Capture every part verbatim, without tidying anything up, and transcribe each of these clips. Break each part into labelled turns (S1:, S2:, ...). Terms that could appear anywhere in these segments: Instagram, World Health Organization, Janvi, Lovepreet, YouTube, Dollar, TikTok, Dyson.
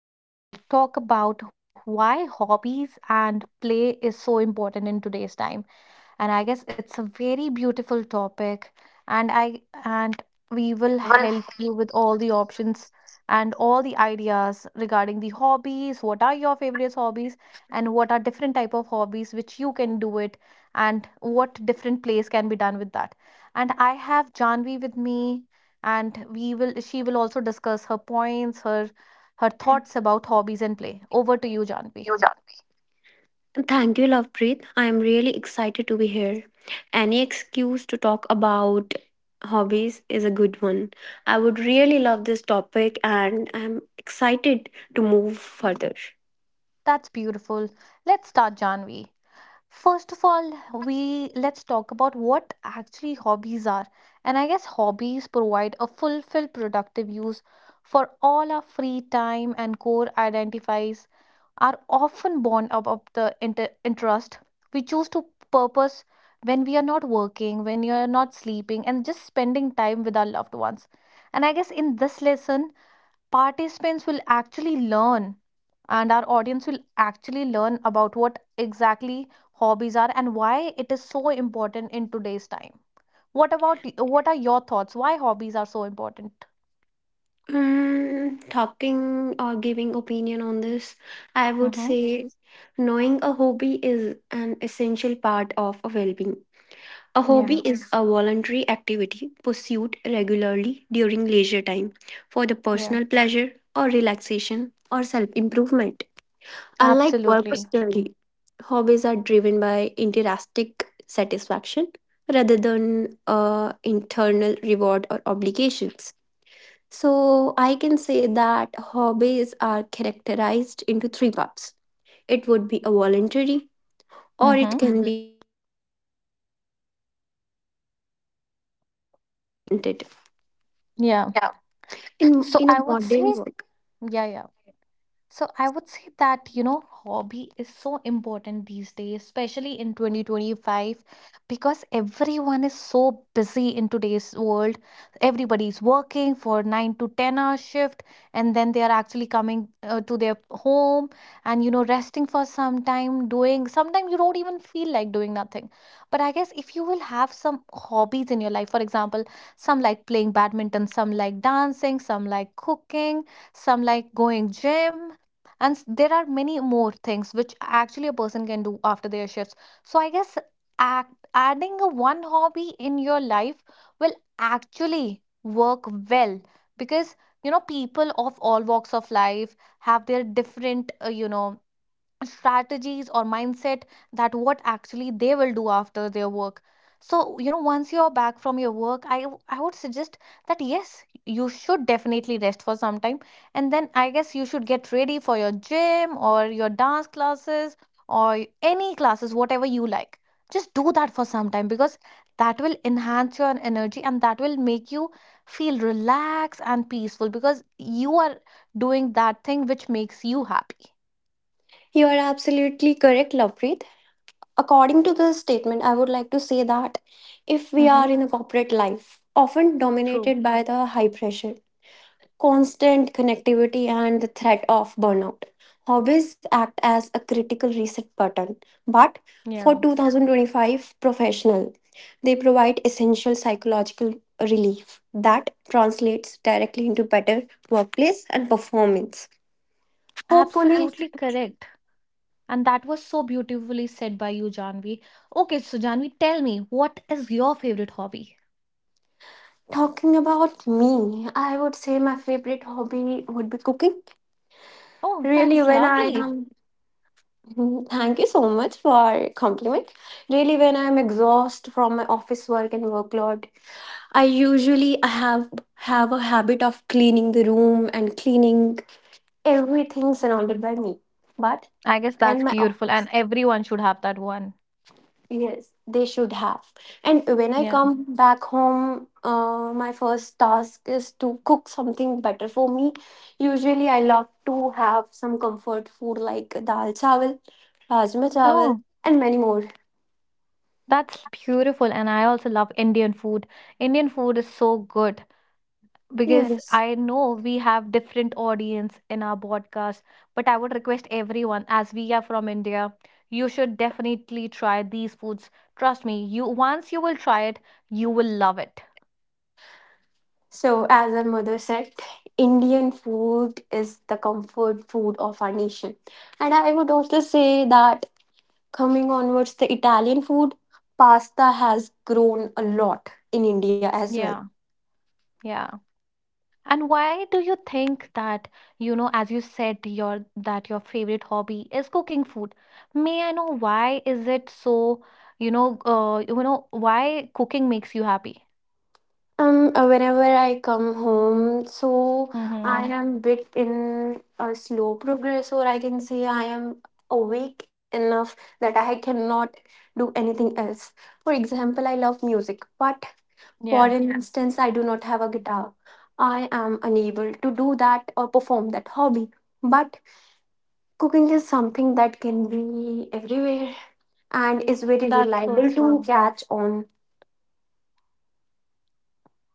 S1: Today we will talk about why hobbies and play is so important in today's time, and I guess it's a very beautiful topic. And i and we will
S2: Will
S1: help
S2: help
S1: you with all the options and all the ideas regarding the hobbies. What are your favorite hobbies, and what are different type of hobbies which you can do it, and what different plays can be done with that? And I have Janvi with me, and we will she will also discuss her points, her her thoughts about hobbies and play. Over to you,
S2: you
S1: Janvi.
S2: join me? Thank you, Lovepreet. I am really excited to be here. Any excuse to talk about hobbies is a good one. I would really love this topic and I'm excited to move further.
S1: That's beautiful. Let's start, Janvi. First of all, we let's talk about what actually hobbies are. And I guess hobbies provide a fulfilled productive use for all our free time, and core identifies are often born out of the inter- interest we choose to purpose when we are not working, when you are not sleeping and just spending time with our loved ones. And I guess in this lesson participants will actually learn, and our audience will actually learn about what exactly hobbies are and why it is so important in today's time. what about what are your thoughts, why hobbies are so important?
S2: Um, talking or giving opinion on this, I would
S1: Mm-hmm.
S2: say knowing a hobby is an essential part of a well-being. A hobby
S1: Yeah.
S2: is a voluntary activity pursued regularly during leisure time for the
S1: Yeah.
S2: personal pleasure or relaxation or self improvement. Unlike work or
S1: Absolutely.
S2: study, hobbies are driven by intrinsic satisfaction rather than uh, internal reward or obligations. So I can say that hobbies are characterized into three parts. It would be a voluntary, or
S1: Mm-hmm.
S2: it can did
S1: Yeah.
S2: yeah in
S1: so
S2: in a
S1: I would say
S2: modern world,
S1: Yeah, yeah. So I would say that, you know, hobby is so important these days, especially in twenty twenty-five, because everyone is so busy in today's world. Everybody's working for nine to ten hour shift, and then they are actually coming uh, to their home and, you know, resting for some time, doing, sometimes you don't even feel like doing nothing. But I guess if you will have some hobbies in your life, for example, some like playing badminton, some like dancing, some like cooking, some like going gym, and s- there are many more things which actually a person can do after their shifts. So I guess act, adding a one hobby in your life will actually work well because you know people of all walks of life have their different uh, you know strategies or mindset that what actually they will do after their work. So you know once you're back from your work, i w- I would suggest that yes, you should definitely rest for some time, and then I guess you should get ready for your gym or your dance classes or y- any classes whatever you like. Just do that for some time because that will enhance your energy and that will make you feel relaxed and peaceful because you are doing that thing which makes you happy.
S2: you are absolutely correct lovepreet according to the statement I would like to say that if we
S1: Mm-hmm.
S2: are in a corporate life often
S1: True.
S2: dominated by the high pressure constant connectivity and the threat of burnout hobbies act as a critical reset button but for
S1: Yeah,
S2: twenty twenty-five professional they provide essential psychological relief that translates directly into better workplace and performance. Hopefully,
S1: absolutely correct. And that was so beautifully said by you, Janvi. Okay, so Janvi, tell me, what is your favorite hobby?
S2: talking about me, I would say my favorite hobby would be cooking.
S1: Oh,
S2: Really,
S1: that's
S2: when I
S1: lovely.
S2: am, mhm, thank you so much for compliment. Really, when I'm exhausted from my office work and workload, I usually have have a habit of cleaning the room and cleaning everything surrounded by me. But
S1: I guess that's
S2: when my,
S1: beautiful, and everyone should have that one.
S2: yes, they should have. And when I
S1: Yeah.
S2: come back home, uh, my first task is to cook something better for me. Usually, I love to have some comfort food like dal chawal, rajma chawal,
S1: Oh,
S2: and many more.
S1: that's beautiful. And I also love Indian food. Indian food is so good. Because
S2: Yes.
S1: I know we have different audience in our podcast, but I would request everyone, as we are from India, you should definitely try these foods. Trust me, you once you will try it, you will love it.
S2: So, as our mother said, Indian food is the comfort food of our nation. And I would also say that coming onwards, the Italian food, pasta has grown a lot in India as well.
S1: Yeah, yeah. And why do you think that, you know, as you said, your that your favorite hobby is cooking food? May I know why is it so, you know, uh, you know, why cooking makes you happy?
S2: Um, uh, whenever I come home, so I
S1: Mm-hmm.
S2: am bit in a slow progress, or I can say I am awake enough that I cannot do anything else. For example, I love music, but for
S1: Yeah,
S2: an, yeah, instance, I do not have a guitar. I am unable to do that or perform that hobby. But cooking is something that can be everywhere and is very
S1: that's so
S2: reliable to
S1: true.
S2: catch on.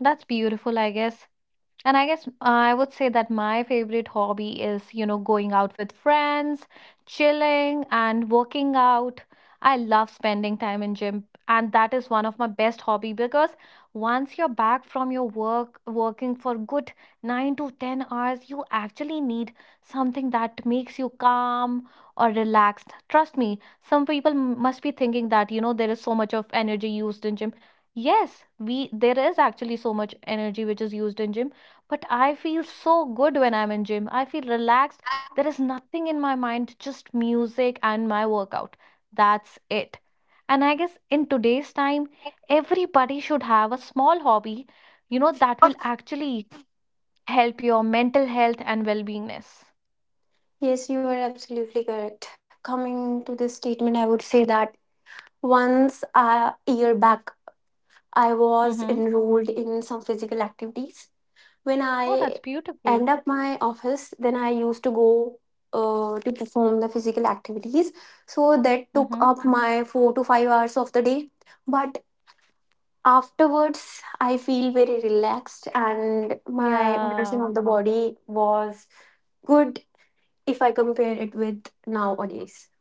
S1: That's beautiful, I guess. And I guess I would say that my favorite hobby is, you know, going out with friends, chilling, and working out. I love spending time in gym, and that is one of my best hobby because once you're back from your work, working for good nine to ten hours, you actually need something that makes you calm or relaxed. Trust me, some people m- must be thinking that, you know, there is so much of energy used in gym. Yes, we there is actually so much energy which is used in gym, but I feel so good when I'm in gym. I feel relaxed. There is nothing in my mind, just music and my workout. That's it. And I guess in today's time, everybody should have a small hobby, you know, that will actually help your mental health and well-beingness.
S2: Yes, you are absolutely correct. Coming to this statement, I would say that once a year back, I was
S1: Mm-hmm.
S2: enrolled in some physical activities. When
S1: Oh, that's
S2: I
S1: beautiful.
S2: end up my office, then I used to go uh, to perform the physical activities. So that took
S1: Mm-hmm.
S2: up my four to five hours of the day. But afterwards, I feel very relaxed, and my motion
S1: Yeah.
S2: of the body was good if I compare it with nowadays.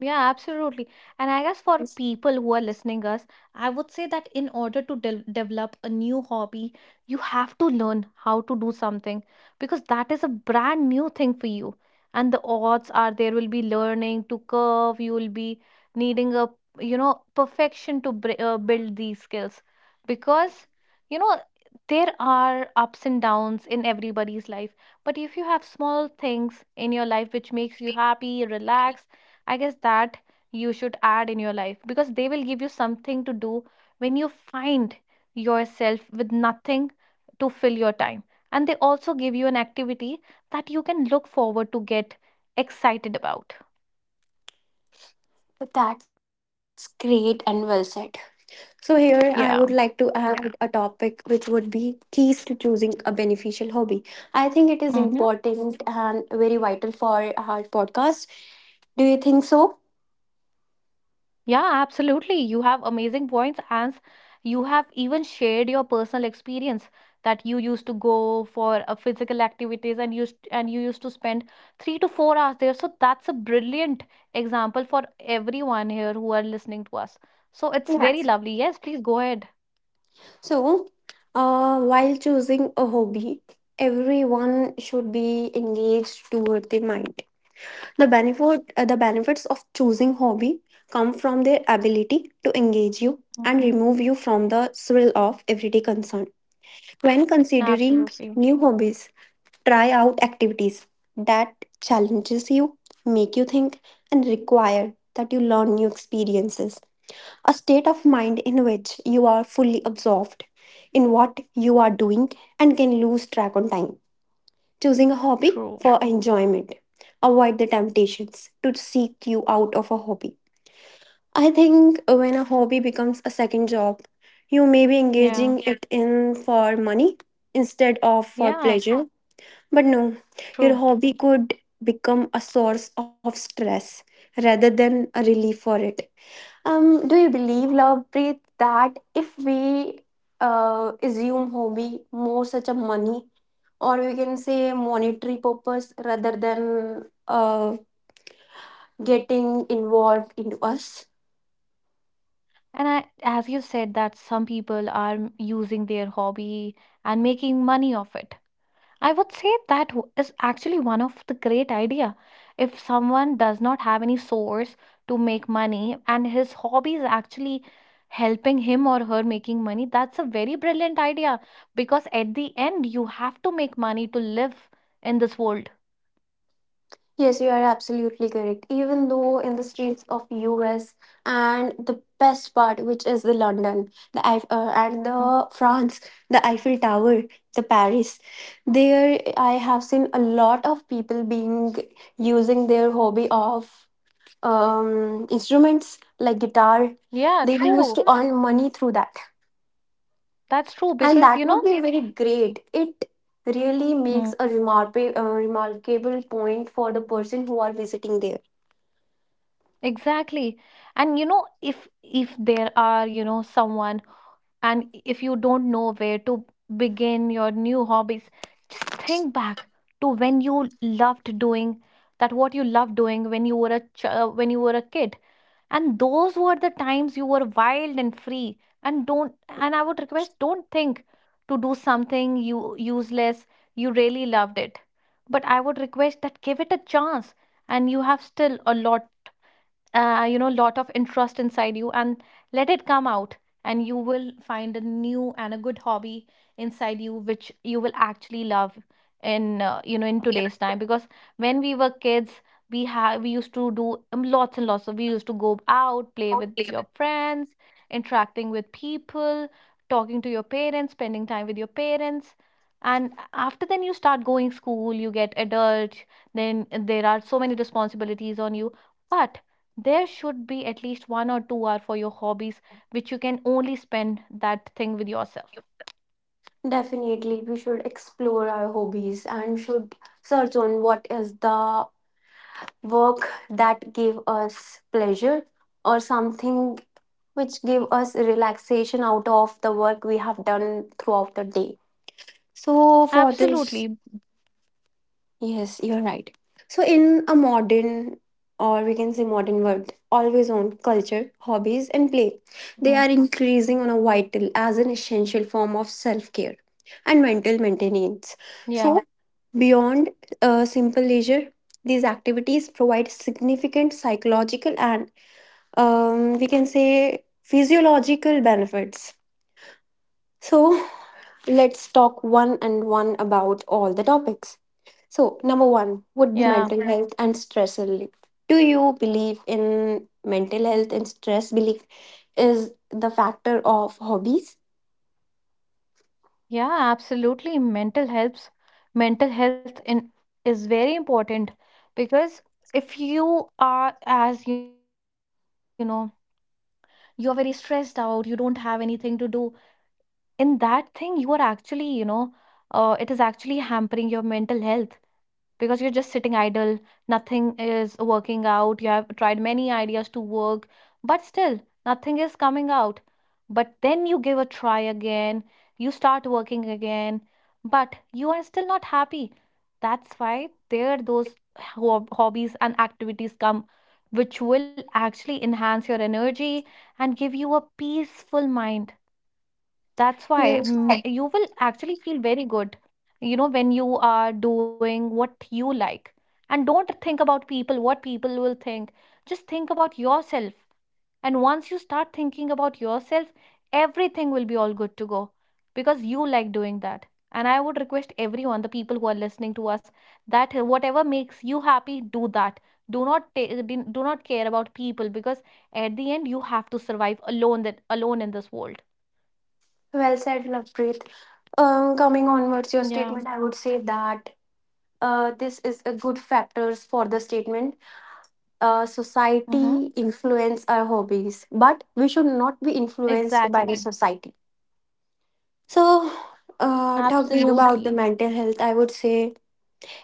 S1: Yeah, absolutely. And I guess for people who are listening us, I would say that in order to de- develop a new hobby, you have to learn how to do something because that is a brand new thing for you. And the odds are there will be learning to curve, you will be needing a, you know, perfection to br- uh, build these skills because, you know, there are ups and downs in everybody's life. But if you have small things in your life which makes you happy, relaxed, I guess that you should add in your life because they will give you something to do when you find yourself with nothing to fill your time. And they also give you an activity that you can look forward to get excited about.
S2: That's great and well said. So here I would like to
S1: Yeah.
S2: add, yeah, a topic which would be keys to choosing a beneficial hobby. I think it is
S1: Mhm.
S2: important and very vital for our podcast. Do you think so?
S1: Yeah, absolutely. You have amazing points, and you have even shared your personal experience that you used to go for a physical activities and used and you used to spend three to four hours there. So that's a brilliant example for everyone here who are listening to us. So it's very
S2: Yes.
S1: lovely. Yes, please go ahead.
S2: So, uh, while choosing a hobby, everyone should be engaged toward the mind. The benefit, uh, the benefits of choosing hobby come from their ability to engage you
S1: Mm.
S2: and remove you from the thrill of everyday concern. When considering
S1: Absolutely.
S2: new hobbies, try out activities that challenges you, make you think, and require that you learn new experiences. A state of mind in which you are fully absorbed in what you are doing and can lose track on time. Choosing a hobby
S1: True.
S2: for enjoyment. Avoid the temptations to seek you out of a hobby. I think when a hobby becomes a second job, you may be
S1: Yeah.
S2: engaging it in for money instead of for
S1: Yeah.
S2: pleasure. But no, your
S1: True.
S2: hobby could become a source of stress rather than a relief for it. Um, do you believe, love, Preet, that if we uh, assume hobby more such a money or we can say monetary purpose rather than uh, getting involved into us?
S1: And I, as you said, that some people are m- using their hobby and making money of it. I would say that w- is actually one of the great idea. If someone does not have any source to make money and his hobby is actually helping him or her making money, that's a very brilliant idea because at the end you have to make money to live in this world.
S2: Yes, you are absolutely correct. Even though in the streets of U S and the best part, which is the London, the Eiff- uh, and
S1: Mm.
S2: the France, the Eiffel Tower, the Paris, there I have seen a lot of people being using their hobby of um, instruments like guitar.
S1: Yeah,
S2: They used
S1: true.
S2: to earn money through that,
S1: That's true
S2: and
S1: because
S2: that
S1: you
S2: would
S1: know
S2: be very great. It really
S1: Mm.
S2: makes a remarkable, uh, remarkable point for the person who are visiting there.
S1: Exactly. And you know if if there are, you know, someone, and if you don't know where to begin your new hobbies, just think back to when you loved doing that what you loved doing when you were a ch- uh, when you were a kid, and those were the times you were wild and free. And don't and I would request, don't think to do something you useless you really loved it, but I would request that give it a chance, and you have still a lot uh, you know lot of interest inside you, and let it come out, and you will find a new and a good hobby inside you which you will actually love in uh, you know in today's time because when we were kids, we have we used to do um, lots and lots of we used to go out play
S2: Out
S1: with
S2: play
S1: your
S2: with
S1: friends, interacting with people, talking to your parents, spending time with your parents, and after then you start going school, you get adult, then there are so many responsibilities on you, but there should be at least one or two hour for your hobbies which you can only spend that thing with yourself.
S2: you. Definitely, we should explore our hobbies and should search on what is the work that give us pleasure or something which give us relaxation out of the work we have done throughout the day. So for this,
S1: Absolutely.
S2: yes, you're right. So, in a modern or we can say modern world, always on culture, hobbies, and play, they
S1: Mhm.
S2: are increasing on a vital as an essential form of self care and mental maintenance.
S1: Yeah,
S2: So, beyond uh, simple leisure, these activities provide significant psychological and, um, we can say physiological benefits. So, let's talk one and one about all the topics. So, number one would be
S1: yeah.
S2: mental health and stress relief. Do you believe in mental health and stress relief is the factor of hobbies?
S1: Yeah, absolutely. Mental helps. Mental health in is very important because if you are as you know, you're very stressed out, you don't have anything to do, in that thing you are actually, you know, uh, it is actually hampering your mental health because you're just sitting idle, nothing is working out, you have tried many ideas to work, but still nothing is coming out. But then you give a try again, you start working again, but you are still not happy. That's why there those hob- hobbies and activities come which will actually enhance your energy and give you a peaceful mind. That's why
S2: Yes,
S1: m-
S2: right.
S1: you will actually feel very good, you know, when you are doing what you like. And don't think about people, what people will think. Just think about yourself. And once you start thinking about yourself, everything will be all good to go because you like doing that. And I would request everyone, the people who are listening to us, that whatever makes you happy, do that. Do not ta- do not care about people because at the end you have to survive alone that alone in this world.
S2: Well said, Lovepreet. Um, coming onwards, your
S1: Yeah.
S2: statement, I would say that uh, this is a good factors for the statement. Uh, society influence our hobbies, but we should not be influenced by the
S1: Exactly.
S2: society. So, uh,
S1: Absolutely.
S2: talking about the mental health, I would say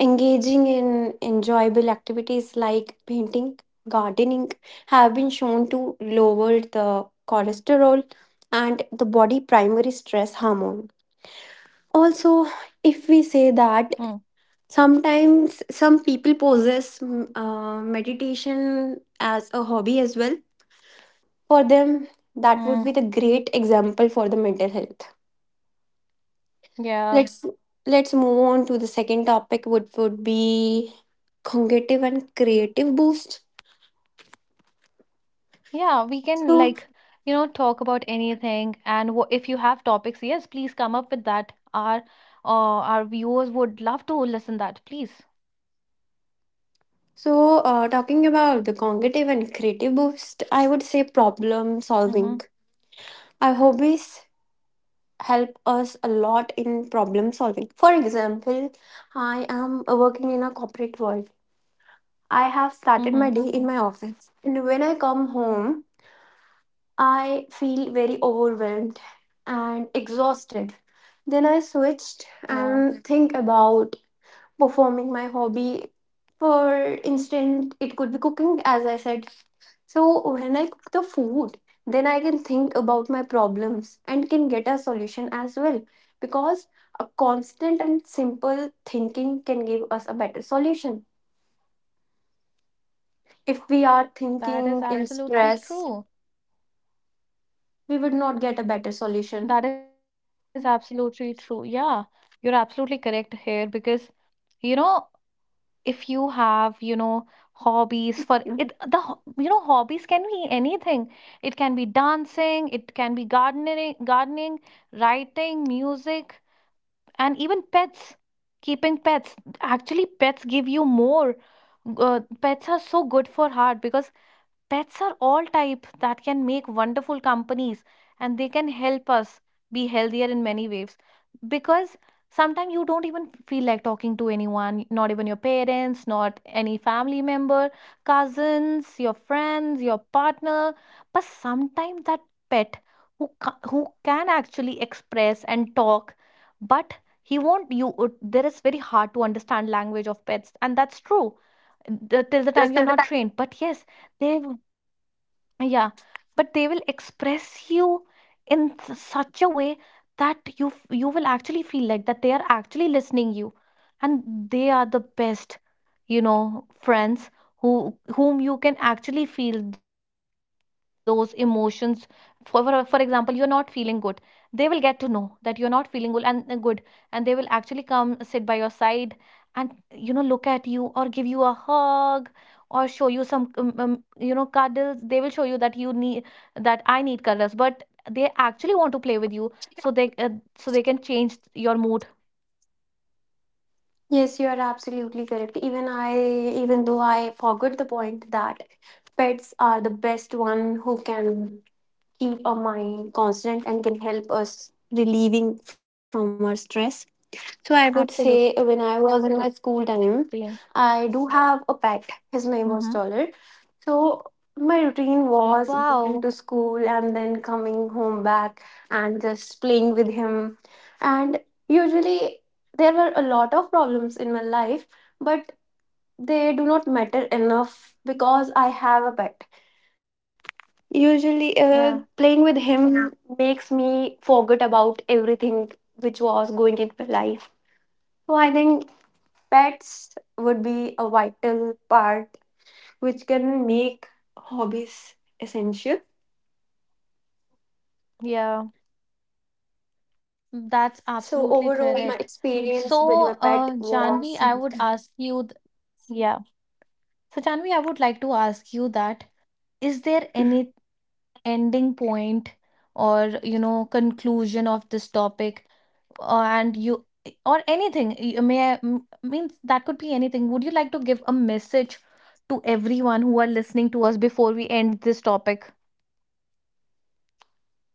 S2: engaging in enjoyable activities like painting, gardening have been shown
S1: Mm-hmm.
S2: to lower the cholesterol and the body primary stress hormone. Also,
S1: Mm.
S2: if we say that sometimes some people possess mm, uh, meditation as a hobby as well, for them that
S1: Mm.
S2: would be the great example for the mental health.
S1: Yeah.
S2: Let's let's move on to the second topic, which would be cognitive and creative boost.
S1: Yeah, we can
S2: So,
S1: like, you know, talk about anything and wha if you have topics, yes, please come up with that. Our uh, our viewers would love to listen that, please.
S2: so uh, talking about the cognitive and creative boost, I would say problem
S1: Mm-hmm.
S2: solving. Our hobbies help us a lot in problem solving. For example, I am working in a corporate world. I have started my
S1: Mm-hmm.
S2: day in my office, and when I come home, I feel very overwhelmed and exhausted. Then I switched
S1: Yeah,
S2: and think about performing my hobby. For instance, it could be cooking, as I said. So when I cook the food, then I can think about my problems and can get a solution as well. Because a constant and simple thinking can give us a better solution. If we are
S1: that is
S2: thinking in
S1: absolutely
S2: stress,
S1: true.
S2: we would not get a better solution.
S1: That is absolutely true. Yeah, you're absolutely correct here because, you know, if you have you know hobbies for it. The ho- you know Hobbies can be anything. It can be dancing, it can be gardening gardening writing, music, and even pets, keeping pets. Actually pets give you more, uh, pets are so good for heart, because pets are all type that can make wonderful companies and they can help us be healthier in many ways. Because sometimes you don't even feel like talking to anyone, not even your parents, not any family member, cousins, your friends, your partner. But sometimes that pet who, ca- who can actually express and talk, but he won't, you, uh, there is very hard to understand language of pets, and that's true the- till the time you're not trained. But yes, they, yeah, but they will express you in s- such a way that you f- you will actually feel like that they are actually listening you, and they are the best, you know, friends who whom you can actually feel those emotions. For for, for example, you're not feeling good, they will get to know that you're not feeling good and and good, and they will actually come sit by your side and you know look at you or give you a hug or show you some um, um, you know cuddles. They will show you that you need, that I need cuddles, but they actually want to play with you, so they uh, so they can change your mood.
S3: Yes, you are absolutely correct. Even I, even though I forgot the point that pets are the best one who can keep our mind constant and can help us relieving from our stress. So I would say when I was in my school time,
S1: Absolutely.
S3: I do have a pet. His name
S1: Mm-hmm.
S3: was Dollar. So my routine was
S1: Wow.
S3: going to school and then coming home back and just playing with him. And usually there were a lot of problems in my life, but they do not matter enough because I have a pet. Usually, uh,
S1: Yeah,
S3: playing with him. Yeah. Makes me forget about everything which was going in my life. So I think pets would be a vital part which can make hobbies essential.
S1: yeah, that's
S3: So,
S1: absolutely
S3: overall, my
S1: correct.
S3: experience with my
S1: So, uh,
S3: pet
S1: Janvi,
S3: was
S1: I would ask you, th- yeah, so Janvi, I would like to ask you that, is there any ending point or you know conclusion of this topic, uh, and you, or anything y- may I, m- means that could be anything, would you like to give a message to everyone who are listening to us before we end this topic?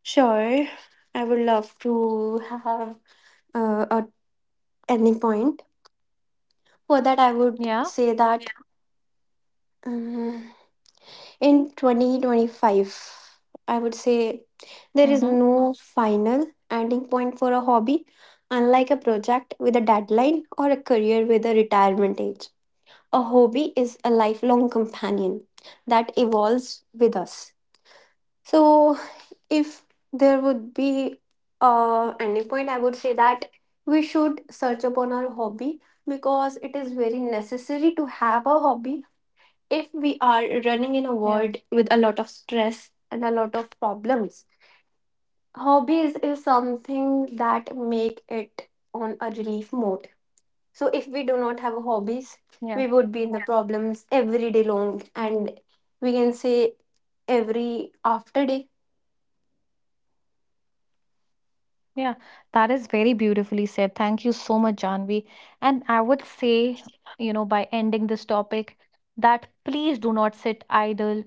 S3: sure, I would love to have uh, a ending point. For that, I would
S1: Yeah.
S3: say that um, in twenty twenty-five, I would say there is
S1: Mm-hmm.
S3: no final ending point for a hobby, unlike a project with a deadline or a career with a retirement age. A hobby is a lifelong companion that evolves with us. So, if there would be a ending point, I would say that we should search upon our hobby because it is very necessary to have a hobby if we are running in a
S1: Yeah,
S3: world with a lot of stress and a lot of problems. Hobbies is something that make it on a relief mode, so if we do not have hobbies,
S1: yeah,
S3: we would be in the. Yeah. Problems every day long, and we can say every after day.
S1: yeah, that is very beautifully said. Thank you so much, Janvi. And I would say, you know, by ending this topic, that please do not sit idle.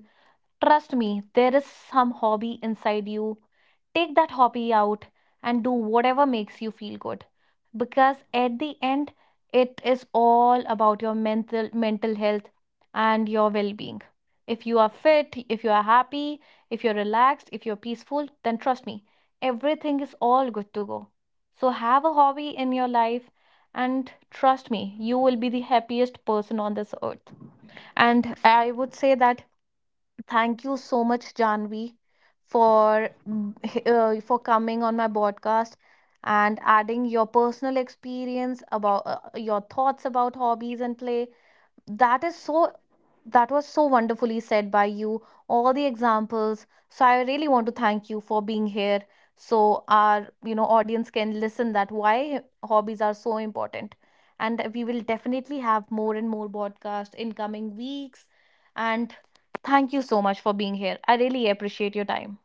S1: Trust me, there is some hobby inside you. Take that hobby out and do whatever makes you feel good. Because at the end, it is all about your mental mental health and your well-being. If you are fit, if you are happy, if you're relaxed, if you're peaceful, then trust me, everything is all good to go. So have a hobby in your life and trust me, you will be the happiest person on this earth. And I would say that, thank you so much, Janvi, for mm, h- uh, for coming on my podcast and adding your personal experience about uh, your thoughts about hobbies and play. that is so that was so wonderfully said by you, all the examples. So I really want to thank you for being here, so our you know audience can listen that why hobbies are so important. And we will definitely have more and more podcasts in coming weeks. And thank you so much for being here, I really appreciate your time.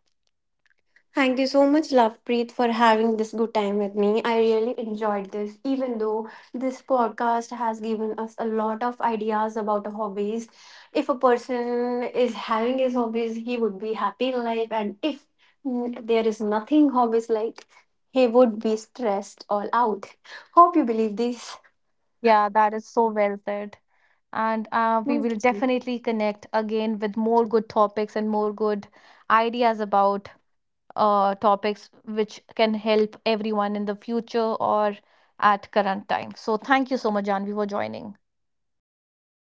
S3: Thank you so much, Lovepreet, for having this good time with me. I really enjoyed this, even though this podcast has given us a lot of ideas about hobbies. If a person is having his hobbies, he would be happy in life, and if mm, there is nothing hobbies like, he would be stressed all out. Hope you believe this.
S1: Yeah, that is so well said. And uh, we
S3: Thank
S1: will
S3: you.
S1: definitely connect again with more good topics and more good ideas about uh, topics which can help everyone in the future, or at current time. So thank you so much, Janvi, for joining.
S3: It was